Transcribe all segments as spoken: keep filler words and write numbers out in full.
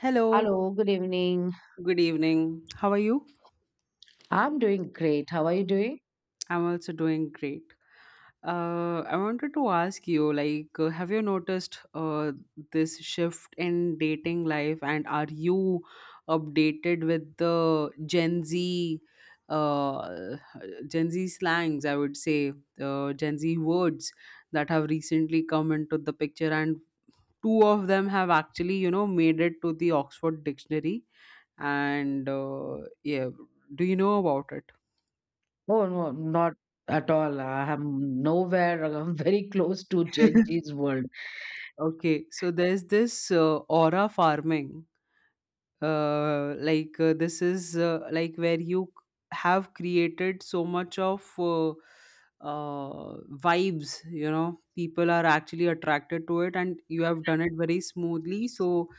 Hello, Hello, good evening. good evening. How are you? I'm doing great. How are you doing? I'm also doing great. Uh, I wanted to ask you, like, uh, have you noticed uh, this shift in dating life, and are you updated with the Gen Z, uh, Gen Z slangs? I would say uh, Gen Z words that have recently come into the picture, and two of them have actually, you know, made it to the Oxford Dictionary. And uh, Yeah, do you know about it? Oh, no, not at all. I'm nowhere. I'm very close to Gen Z's world. Okay, so there's this uh, aura farming. Uh, like uh, this is uh, like where you c- have created so much of uh, uh, vibes. You know, people are actually attracted to it, and you have done it very smoothly. So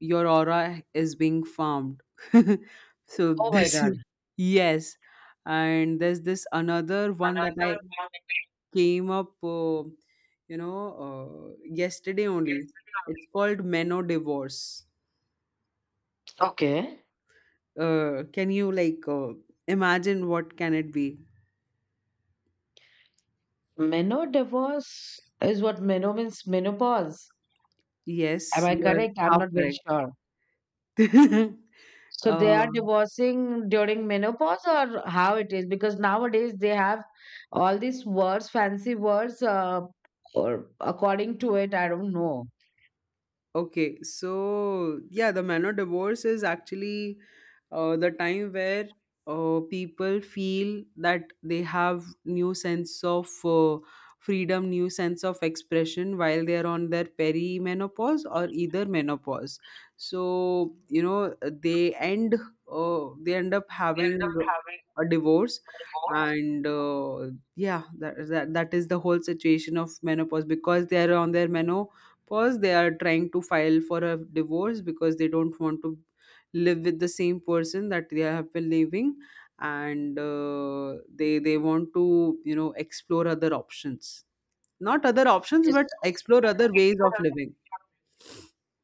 your aura is being farmed. So Oh my this is. God. Yes, and there's this another one that I Another one. came up, uh, you know, uh, yesterday only. It's called Meno Divorce. Okay. Uh, can you like uh, imagine what can it be? Meno divorce is what meno means menopause. Am Yes, I you are correct? I'm half not very sure. correct. So they are uh, divorcing during menopause or how it is? Because nowadays they have all these words, fancy words, uh, or according to it, I don't know. Okay, so yeah, the man divorce is actually uh, the time where uh, people feel that they have new sense of uh, freedom, new sense of expression while they are on their perimenopause or either menopause. So you know they end uh, they end up They end having up having a divorce, more. and uh, yeah, that, that that is the whole situation of menopause because they are on their meno. First, they are trying to file for a divorce because they don't want to live with the same person that they have been living, and uh, they they want to you know explore other options, not other options, Is but explore other ways of living.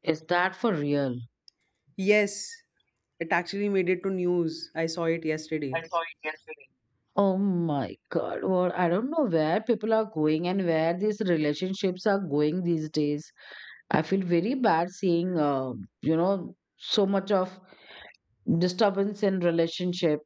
is that for real? Yes, it actually made it to news. I saw it yesterday. Oh my God. Well, I don't know where people are going and where these relationships are going these days. I feel very bad seeing, uh, you know, so much of disturbance in relationship.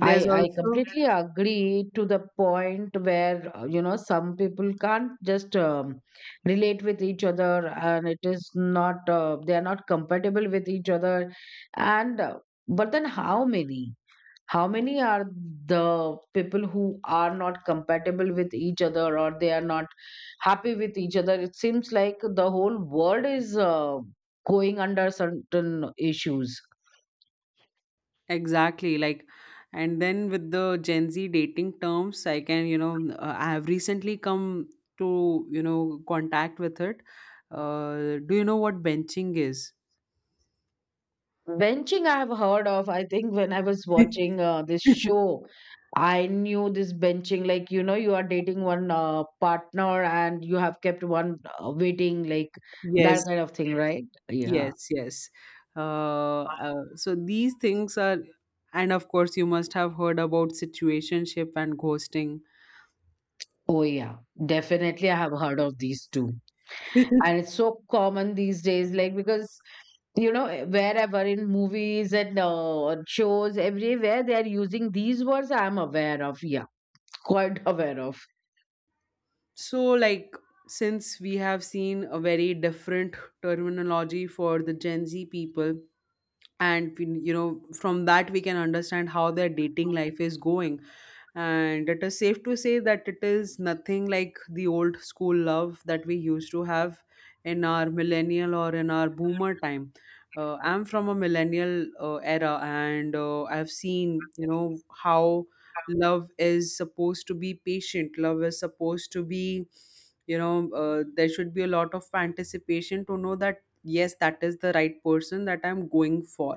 I, I also. completely agree to the point where, uh, you know, some people can't just um, relate with each other, and it is not, uh, they are not compatible with each other. And, uh, but then how many? How many are the people who are not compatible with each other, or they are not happy with each other? It seems like the whole world is uh, going under certain issues. Exactly, like, and then with the Gen Z dating terms, I can, you know, uh, I have recently come to, you know, contact with it. Uh, do you know what benching is? Benching, I have heard of. I think when I was watching uh, this show, I knew this benching. Like, you know, you are dating one uh, partner and you have kept one uh, waiting, like that Yes, kind of thing, right? Yeah. yes, yes. Uh, uh, so these things are, and of course, you must have heard about situationship and ghosting. Oh, yeah. Definitely, I have heard of these two. And it's so common these days, like, because, you know, eh, wherever in movies and uh, shows, everywhere, they are using these words. I'm aware of. Yeah. Quite aware of. So, like, since we have seen a very different terminology for the Gen Z people, and we- you know from that we can understand how their dating life is going, and it is safe to say that it is nothing like the old school love that we used to have in our millennial or in our boomer time. uh, I'm from a millennial uh, era, and uh, I've seen, you know, how love is supposed to be patient, love is supposed to be, you know, uh, there should be a lot of anticipation to know that yes, that is the right person that I'm going for.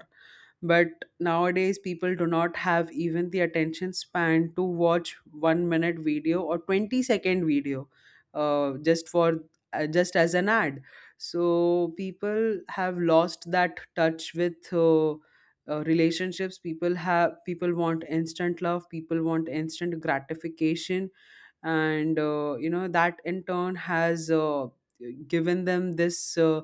But nowadays people do not have even the attention span to watch one minute video or twenty second video, uh, just for uh, just as an ad. So people have lost that touch with uh, uh, relationships. People have people want instant love, people want instant gratification. And uh, you know that in turn has uh, given them this uh,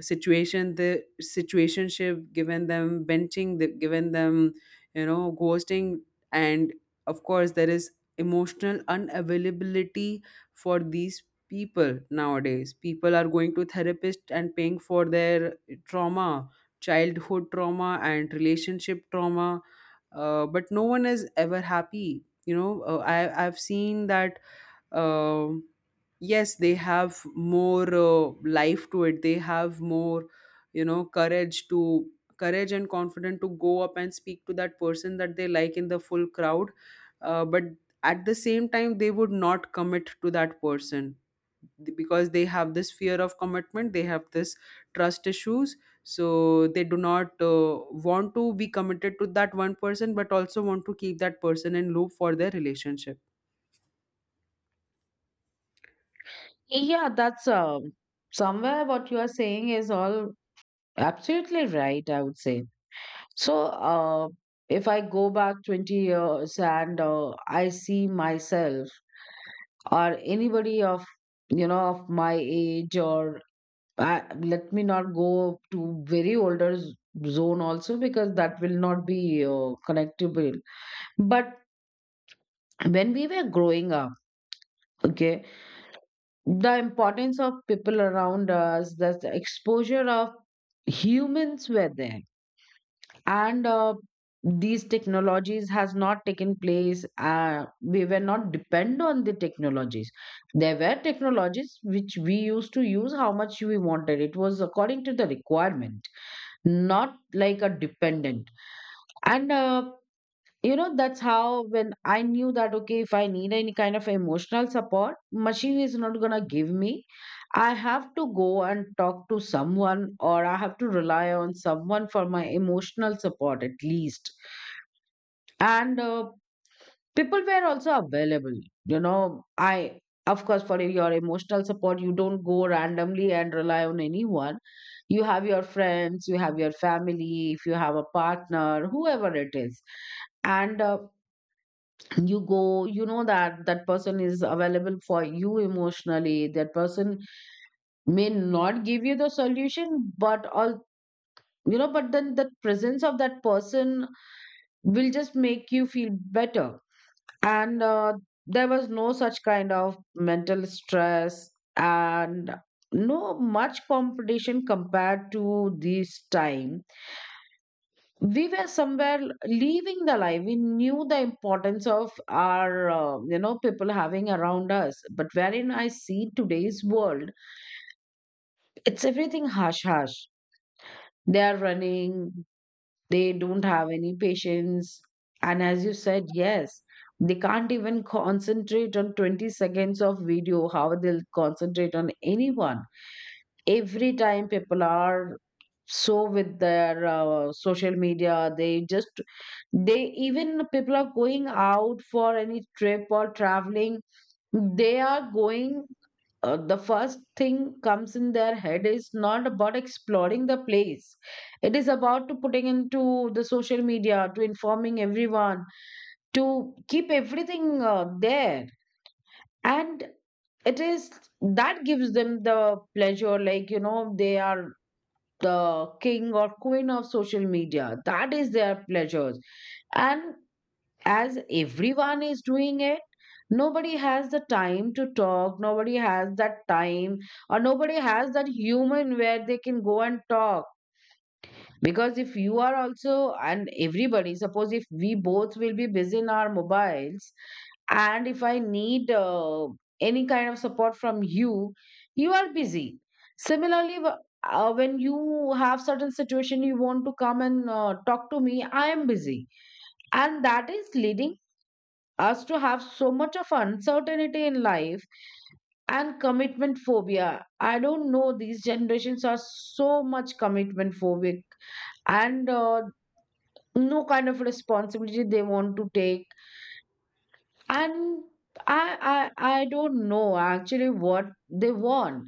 situation the situationship, given them benching, they given them, you know, ghosting. And of course there is emotional unavailability for these people. Nowadays people are going to therapist and paying for their trauma, childhood trauma, and relationship trauma. Uh, but no one is ever happy, you know. uh, I, i've seen that. um yes, they have more uh, life to it, they have more, you know, courage to courage and confidence to go up and speak to that person that they like in the full crowd. Uh, but at the same time they would not commit to that person because they have this fear of commitment, they have this trust issues, so they do not uh, want to be committed to that one person but also want to keep that person in loop for their relationship. Yeah, that's um, somewhere what you are saying is all absolutely right, I would say. So, uh, if I go back twenty years and uh, I see myself or anybody of, you know, of my age, or I, let me not go to very older z- zone also, because that will not be uh, connectable. But when we were growing up, okay, the importance of people around us, the exposure of humans were there. And uh, these technologies has not taken place. Uh, we were not depend on the technologies. There were technologies which we used to use how much we wanted. It was according to the requirement, not like a dependent. And uh, you know, that's how when I knew that okay, if I need any kind of emotional support, machine is not going to give me. I have to go and talk to someone, or I have to rely on someone for my emotional support at least. And uh, people were also available, you know. I, of course, for your emotional support you don't go randomly and rely on anyone. You have your friends, you have your family, if you have a partner, whoever it is. And uh, you go, you know that that person is available for you emotionally. That person may not give you the solution, but all, you know, but then the presence of that person will just make you feel better. And uh, there was no such kind of mental stress, and no much competition compared to this time. We were somewhere leaving the life, we knew the importance of our uh, you know people having around us. But wherein I see today's world, it's everything hush hush, they are running, they don't have any patience. And as you said, yes, they can't even concentrate on twenty seconds of video, how they'll concentrate on anyone? Every time people are so with their uh, social media, they just, they even, people are going out for any trip or traveling, they are going, uh, the first thing comes in their head is not about exploring the place, it is about to putting into the social media, to informing everyone, to keep everything uh, there. And it is, that gives them the pleasure, like you know, they are the king or queen of social media, that is their pleasures. And as everyone is doing it, nobody has the time to talk, nobody has that time, or nobody has that human where they can go and talk. Because if you are also, and everybody, suppose if we both will be busy in our mobiles, and if I need uh, any kind of support from you, you are busy. Similarly, wh- uh, when you have certain situation, you want to come and uh, talk to me, I am busy. And that is leading us to have so much of uncertainty in life and commitment phobia. I don't know, these generations are so much commitment phobic, and uh, no kind of responsibility they want to take. And I, I, I don't know actually what they want.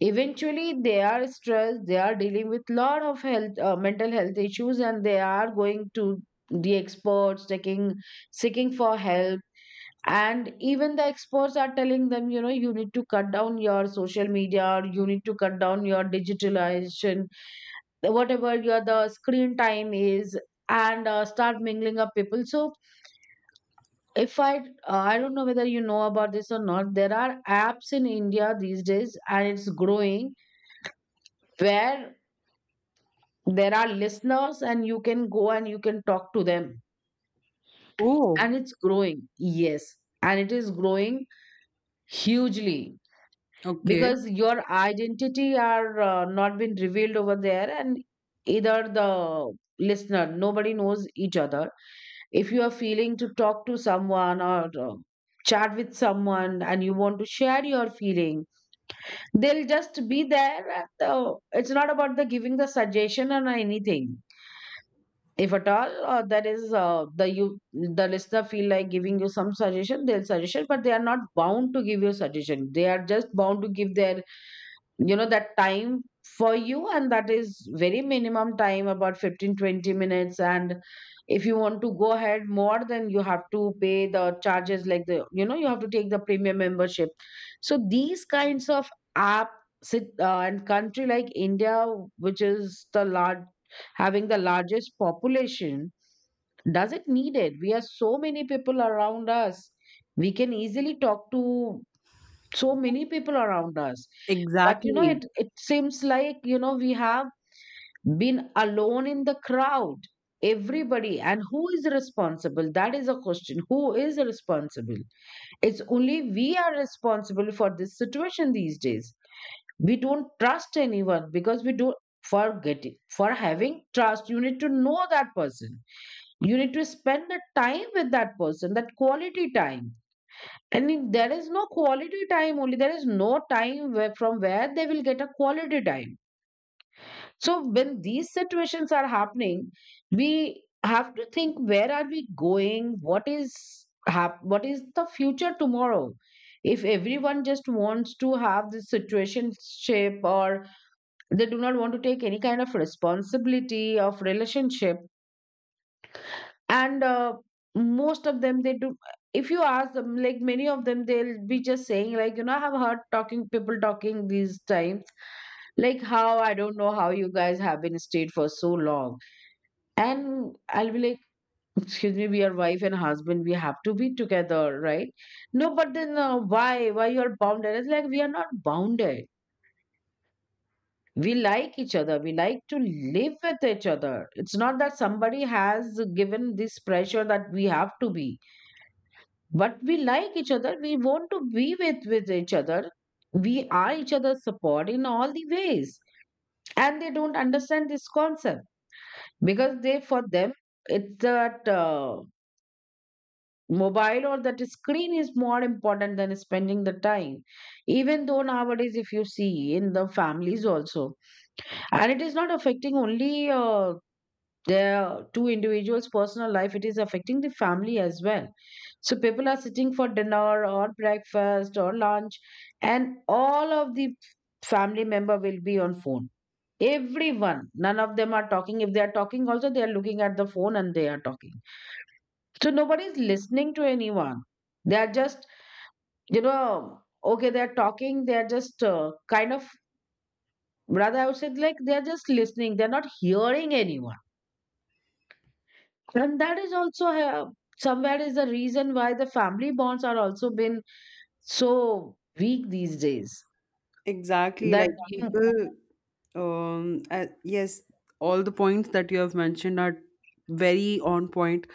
Eventually, they are stressed, they are dealing with lot of health, uh, mental health issues, and they are going to the experts, taking, seeking for help. And even the experts are telling them, you know, you need to cut down your social media, or you need to cut down your digitalization, whatever your the screen time is. And uh, start mingling up people. So if I uh, I don't know whether you know about this or not, there are apps in India these days and it's growing, where there are listeners and you can go and you can talk to them. And Oh. it's growing, yes, and it is growing hugely. Okay. Because your identity are uh, not been revealed over there, and either the listener, nobody knows each other. If you are feeling to talk to someone, or uh, chat with someone, and you want to share your feeling, they'll just be there. And, uh, it's not about the giving the suggestion or anything. If at all uh, that is uh, the you, the listener feel like giving you some suggestion, they'll suggestion, but they are not bound to give you suggestion, they are just bound to give their, you know, that time for you. And that is very minimum time, about fifteen twenty minutes. And if you want to go ahead more, then you have to pay the charges, like the, you know, you have to take the premium membership. So these kinds of app sit uh, and country like India, which is the large, having the largest population, does it need it? We have so many people around us, we can easily talk to so many people around us. But you know, Exactly. it it seems like, you know, we have been alone in the crowd. Everybody, and who is responsible? That is a question, who is responsible? It's only we are responsible for this situation these days. We don't trust anyone because we don't, for getting, for having trust, you need to know that person, you need to spend the time with that person, that quality time. And if there is no quality time only, there is no time where, from where they will get a quality time. So when these situations are happening, we have to think, where are we going? What is hap- what is the future tomorrow? If everyone just wants to have this situationship, or they do not want to take any kind of responsibility of relationship, and uh, most of them they do, if you ask them, like many of them they'll be just saying like, you know, I have heard talking people talking these times, like how, I don't know how you guys have been stayed for so long. And I'll be like excuse me, we are wife and husband, we have to be together, right? No, but then uh, why why you are bounded. It's like we are not bounded, we like each other, we like to live with each other. It's not that somebody has given this pressure that we have to be, but we like each other, we want to be with with each other. We are each other's support in all the ways, and they don't understand this concept. Because they, for them, it's that uh, mobile or that screen is more important than spending the time. Even though nowadays if you see in the families also, and it is not affecting only uh, the two individuals personal life, it is affecting the family as well. So people are sitting for dinner or breakfast or lunch, and all of the family member will be on phone. Everyone, none of them are talking. If they are talking also, they are looking at the phone and they are talking. So nobody is listening to anyone. They are just, you know, okay, they are talking, they are just uh, kind of, rather I would say like, they are just listening, they are not hearing anyone. And that is also uh, somewhere is the reason why the family bonds are also been so weak these days. Exactly, that like you- people, um, uh, yes, all the points that you have mentioned are very on point,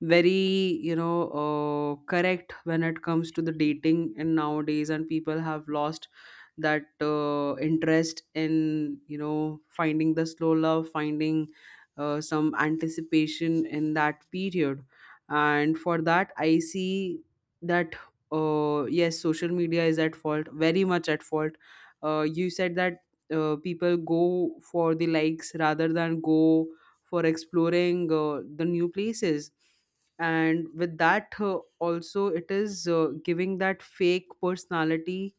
very, you know, uh, correct when it comes to the dating in nowadays, and people have lost that uh, interest in, you know, finding the slow love, finding uh, some anticipation in that period. And for that I see that uh, yes, social media is at fault, very much at fault. Uh, you said that uh, people go for the likes rather than go for exploring uh, the new places. And with that, uh, also it is uh, giving that fake personality.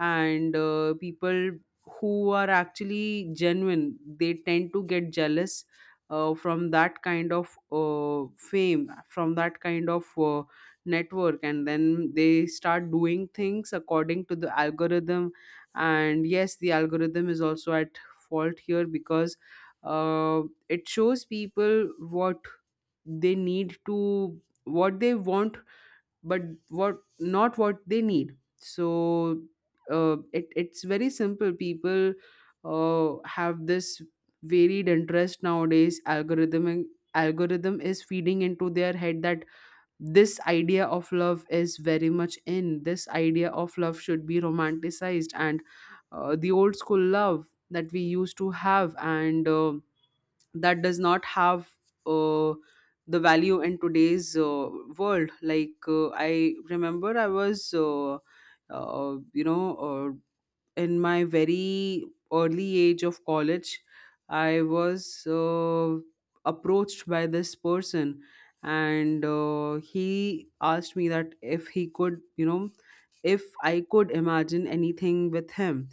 And uh, people who are actually genuine, they tend to get jealous uh, from that kind of uh, fame, from that kind of uh, network, and then they start doing things according to the algorithm. And yes, the algorithm is also at fault here because uh, it shows people what they need to what they want, but what, not what they need. So uh, it, it's very simple. People uh, have this varied interest nowadays. Algorithm algorithm is feeding into their head that this idea of love is very much in, this idea of love should be romanticized, and uh, the old school love that we used to have, and uh, that does not have uh, the value in today's uh, world. Like, uh, I remember I was uh, uh, you know uh, in my very early age of college, I was uh, approached by this person, and uh, he asked me that if he could, you know, if I could imagine anything with him.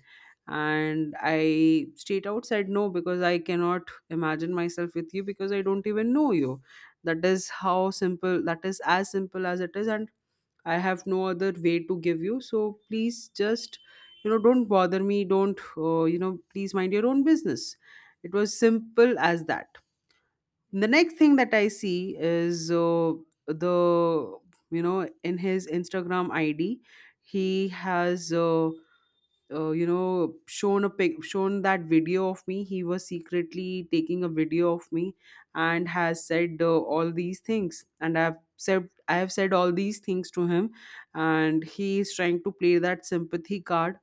And I straight out said no because I cannot imagine myself with you because I don't even know you. That is how simple, that is as simple as it is. And I have no other way to give you. So please just, you know, don't bother me. Don't, uh, you know, Please mind your own business. It was simple as that. The next thing that I see is uh, the, you know, in his Instagram I D, he has. Uh, uh, you know shown a pic shown that video of me, he was secretly taking a video of me, and has said uh, all these things, and i've said I have said all these things to him, and he is trying to play that sympathy card.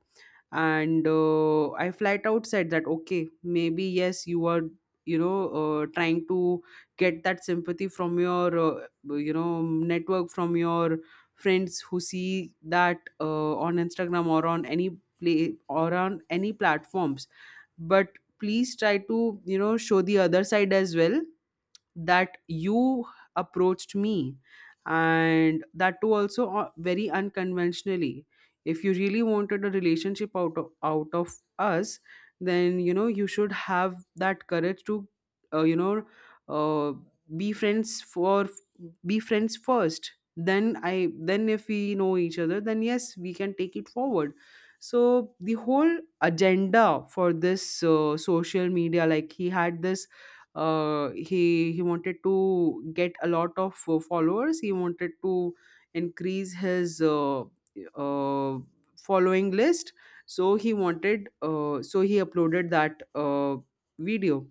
And uh, I flat out said that okay, maybe yes, you are, you know uh, trying to get that sympathy from your uh, you know network, from your friends who see that uh, on Instagram or on any play or on any platforms. But please try to, you know show the other side as well, that you approached me, and that too also uh, very unconventionally. If you really wanted a relationship out of, out of us, then you know you should have that courage to uh, you know uh, be friends for be friends first, then i then if we know each other, then yes, we can take it forward. So the whole agenda for this uh, social media, like, he had this uh, he he wanted to get a lot of uh, followers. He wanted to increase his uh, uh, following list. So he wanted. Uh, so he uploaded that uh, video,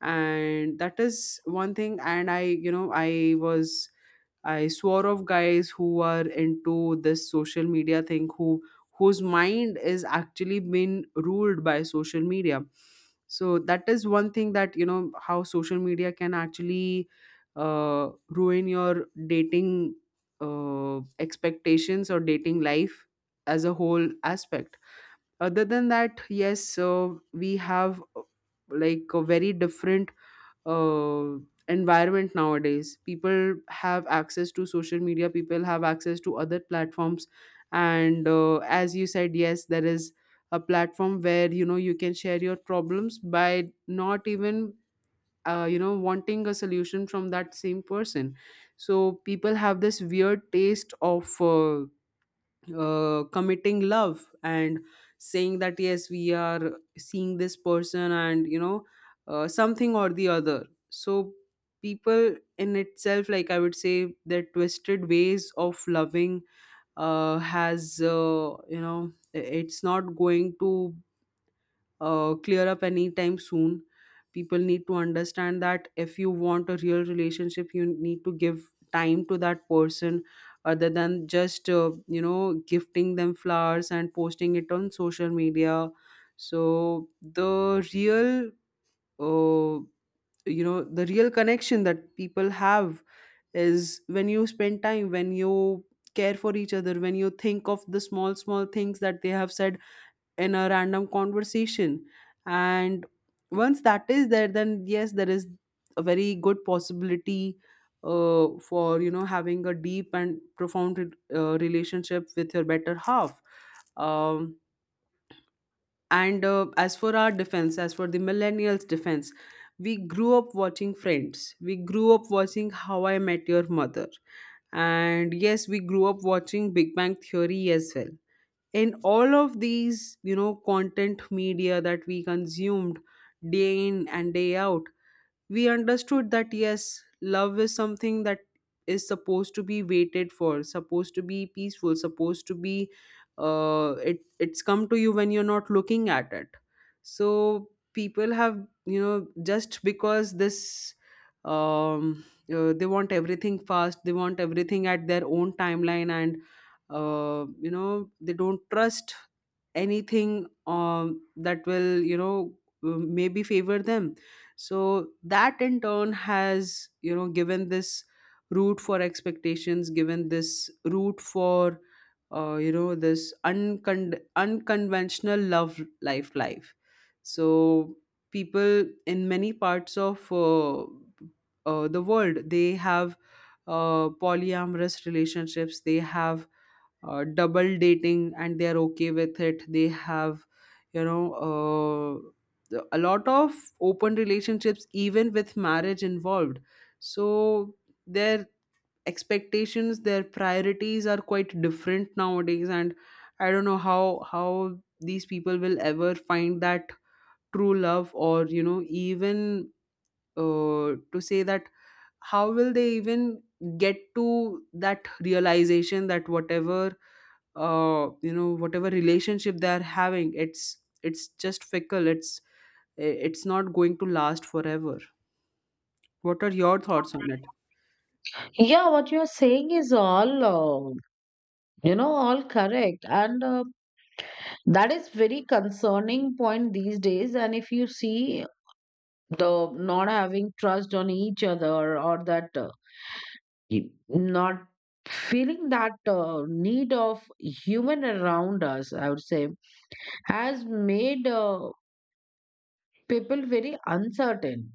and that is one thing. And I, you know, I was I swore off guys who are into this social media thing, who whose mind is actually been ruled by social media. So that is one thing, that you know how social media can actually uh, ruin your dating uh, expectations or dating life as a whole aspect. Other than that, yes, uh, we have uh, like a very different uh, environment nowadays. People have access to social media, people have access to other platforms. And uh, as you said, yes, there is a platform where you know you can share your problems by not even uh, you know wanting a solution from that same person. So people have this weird taste of uh, uh, committing love and saying that yes, we are seeing this person, and you know uh, something or the other. So people in itself, like, I would say their twisted ways of loving uh, has, uh, you know it's not going to uh, clear up anytime soon. People need to understand that if you want a real relationship, you need to give time to that person other than just, uh, you know, gifting them flowers and posting it on social media. So, the real, uh, you know, the real connection that people have is when you spend time, when you care for each other, when you think of the small, small things that they have said in a random conversation, and once that is there, then yes, there is a very good possibility uh, for, you know, having a deep and profound re- uh, relationship with your better half. Um, and uh, As for our defense as for the millennials defense, we grew up watching Friends, we grew up watching How I Met Your Mother, and yes, we grew up watching Big Bang Theory as well. In all of these, you know, content media that we consumed day in and day out, we understood that yes, love is something that is supposed to be waited for, supposed to be peaceful, supposed to be uh, it it's come to you when you're not looking at it. So people have, you know, just because this, um uh, they want everything fast, they want everything at their own timeline, and uh, you know they don't trust anything, um, that will, you know, um, maybe favor them. So that in turn has, you know, given this root for expectations, given this root for uh, you know this uncon- unconventional love life life. So people in many parts of uh, uh, the world, they have uh, polyamorous relationships, they have uh, double dating, and they are okay with it. They have, you know uh, a lot of open relationships even with marriage involved. So their expectations, their priorities are quite different nowadays. And I don't know how how these people will ever find that true love, or you know, even uh, to say that, how will they even get to that realization that whatever uh you know whatever relationship they are having, it's it's just fickle, it's it's not going to last forever. What are your thoughts on it? yeah, what you're saying is all uh, you know all correct. And uh, that is very concerning point these days. And if you see the not having trust on each other or That uh, y- not feeling that uh, need of human around us, I would say, has made uh, people very uncertain.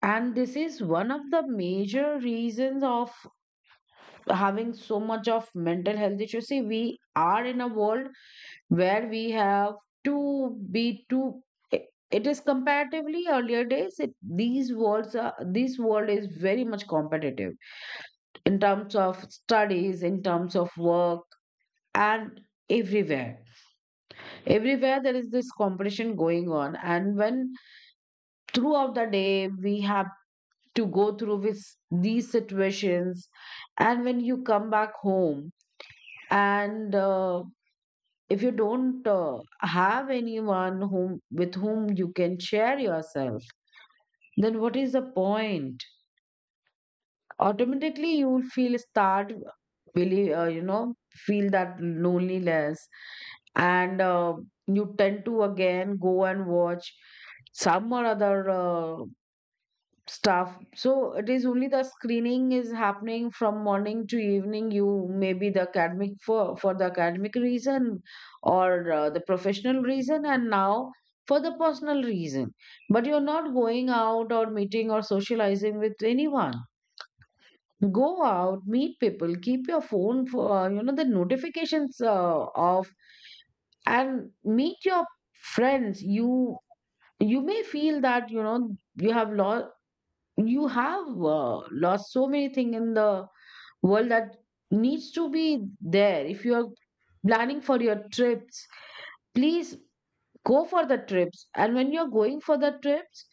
And this is one of the major reasons of having so much of mental health issues. See, we are in a world where we have to be too, it it is comparatively earlier days, it, these worlds are, this world is very much competitive in terms of studies, in terms of work, and everywhere, everywhere there is this competition going on. And when throughout the day we have to go through with these situations and when you come back home and uh, if you don't uh, have anyone whom with whom you can share yourself, then what is the point? Automatically you will feel, start really, uh, you know feel that loneliness. And uh, you tend to again go and watch some or other uh, stuff. So it is only the screening is happening from morning to evening. You maybe the academic, for for the academic reason or uh, the professional reason, and now for the personal reason. But you're not going out or meeting or socializing with anyone. Go out, meet people, keep your phone for, uh, you know the notifications uh, off, and meet your friends. You you may feel that, you know, you have lost, you have uh, lost so many things in the world that needs to be there. If you are planning for your trips, please go for the trips. And when you're going for the trips,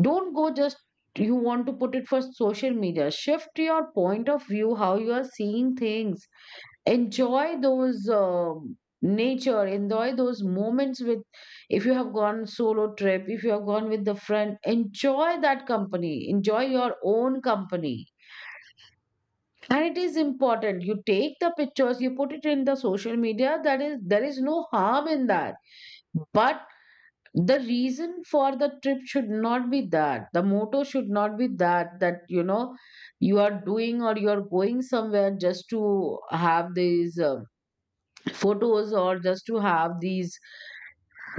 don't go just you want to put it for social media. Shift your point of view, how you are seeing things. Enjoy those um, nature, enjoy those moments with, if you have gone solo trip, if you have gone with the friend, enjoy that company, enjoy your own company. And it is important you take the pictures, you put it in the social media, that is, there is no harm in that. But the reason for the trip should not be that, the motto should not be that, that you know you are doing or you are going somewhere just to have these uh, photos or just to have these,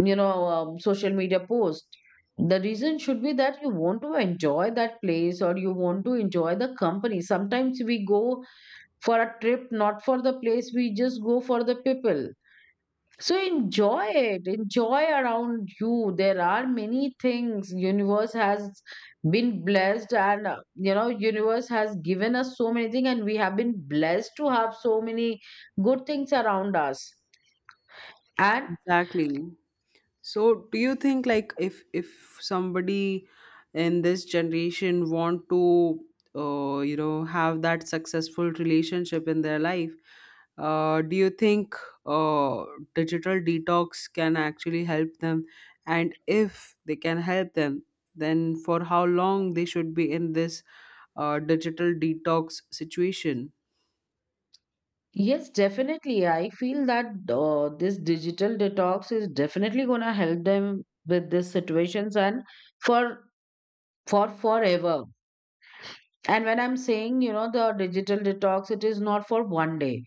you know, um, social media posts. The reason should be that you want to enjoy that place or you want to enjoy the company. Sometimes we go for a trip not for the place, we just go for the people. So enjoy it, enjoy around you. There are many things universe has been blessed, and uh, you know universe has given us so many things and we have been blessed to have so many good things around us. And Exactly. So, do you think, like, if if somebody in this generation want to, uh, you know have that successful relationship in their life, uh, do you think uh, digital detox can actually help them? And if they can help them, then for how long they should be in this uh, digital detox situation? yes, definitely. I feel that uh, this digital detox is definitely going to help them with these situations and for for forever. And when I'm saying, you know, the digital detox, it is not for one day.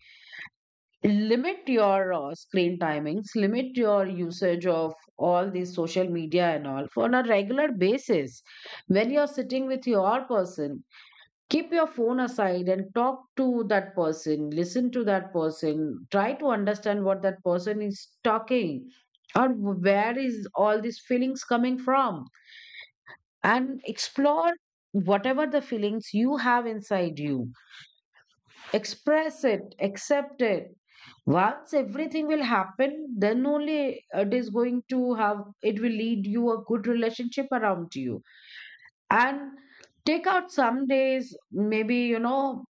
Limit your uh, screen timings, limit your usage of all these social media and all for, on a regular basis. When you're sitting with your person, keep your phone aside and talk to that person, listen to that person, try to understand what that person is talking, or where is all these feelings coming from, and explore whatever the feelings you have inside you, express it, accept it. Once everything will happen, then only it is going to have, it will lead you a good relationship around you. And take out some days, maybe you know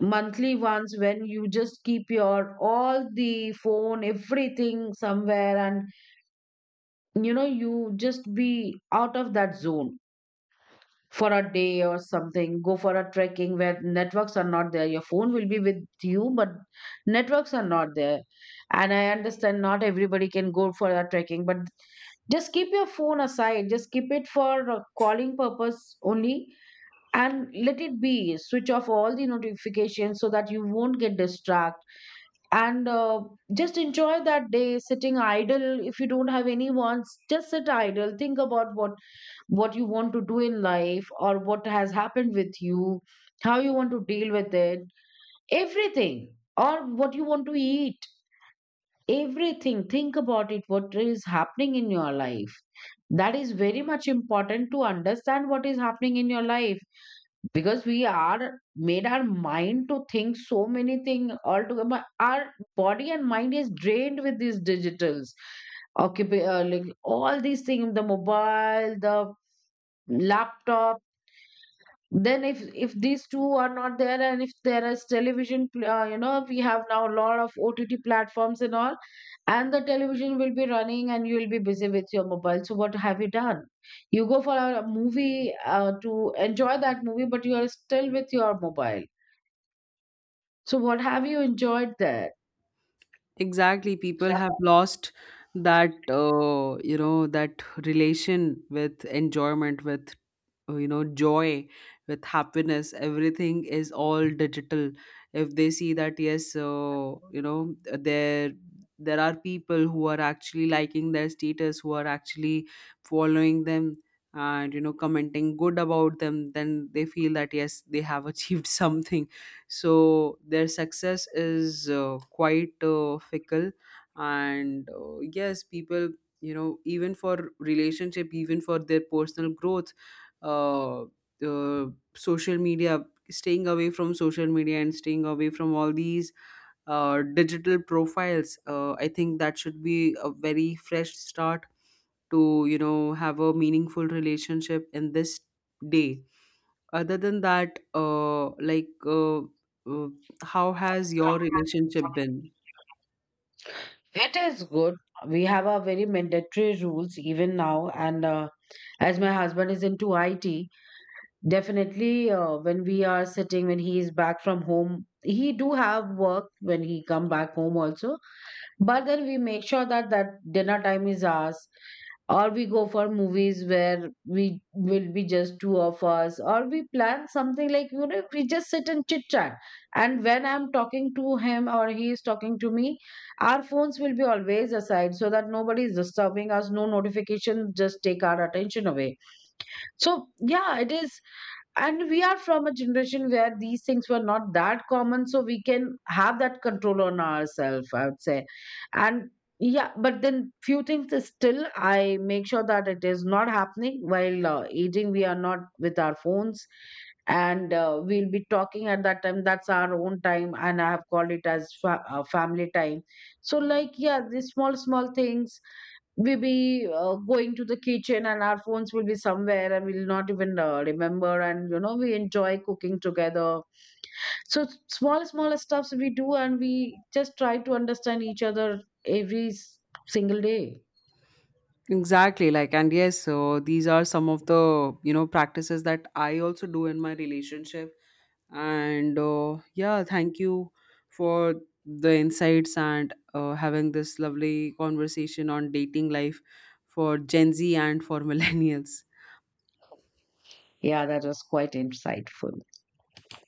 monthly ones, when you just keep your all the phone, everything somewhere, and you know you just be out of that zone for a day or something. Go for a trekking where networks are not there. Your phone will be with you but networks are not there. And I understand not everybody can go for a trekking, but just keep your phone aside, just keep it for uh, calling purpose only, and let it be, switch off all the notifications so that you won't get distracted. And uh, just enjoy that day sitting idle. If you don't have any wants, just sit idle, think about what what you want to do in life or what has happened with you, how you want to deal with it, everything, or what you want to eat, everything. Think about it, what is happening in your life. That is very much important, to understand what is happening in your life, because we are made our mind to think so many things altogether. But our body and mind is drained with these digitals. Occupy, uh, like all these things, the mobile, the laptop. Then if if these two are not there and if there is television, pl- uh, you know we have now a lot of OTT platforms and all, and the television will be running and you will be busy with your mobile, so what have you done? You go for a movie uh, to enjoy that movie but you are still with your mobile, so what have you enjoyed there? Exactly, people have lost that uh, you know that relation with enjoyment, with uh, you know joy, with happiness. Everything is all digital. If they see that yes, uh, you know there there are people who are actually liking their status, who are actually following them, and you know, commenting good about them, then they feel that yes, they have achieved something. So their success is uh, quite uh, fickle. And uh, yes, people, you know, even for relationship, even for their personal growth, uh, uh, social media staying away from social media and staying away from all these uh, digital profiles, uh, I think that should be a very fresh start to, you know, have a meaningful relationship in this day. Other than that, uh, like uh, uh, how has your relationship been? It is good. We have our very mandatory rules even now. And uh, as my husband is into I T, definitely, uh, when we are sitting, when he is back from home, he do have work when he come back home also. But then we make sure that that dinner time is ours, or we go for movies where we will be just two of us, or we plan something like, you know, we just sit and chit chat. And when I'm talking to him or he is talking to me, our phones will be always aside so that nobody is disturbing us. No notifications just take our attention away. So yeah, it is. And we are from a generation where these things were not that common, so we can have that control on ourselves, I would say. And yeah, but then few things is still, I make sure that it is not happening while uh, eating. We are not with our phones, and uh, we'll be talking at that time, that's our own time, and I have called it as fa- uh, family time. So like, yeah, these small small things, we'll be uh, going to the kitchen and our phones will be somewhere and we'll not even uh, remember, and you know we enjoy cooking together. So s- small small stuffs we do, and we just try to understand each other every s- single day. Exactly, like, and yes, so these are some of the, you know, practices that I also do in my relationship. And uh, yeah, thank you for the insights and uh, having this lovely conversation on dating life for Gen Z and for millennials. Yeah, that was quite insightful.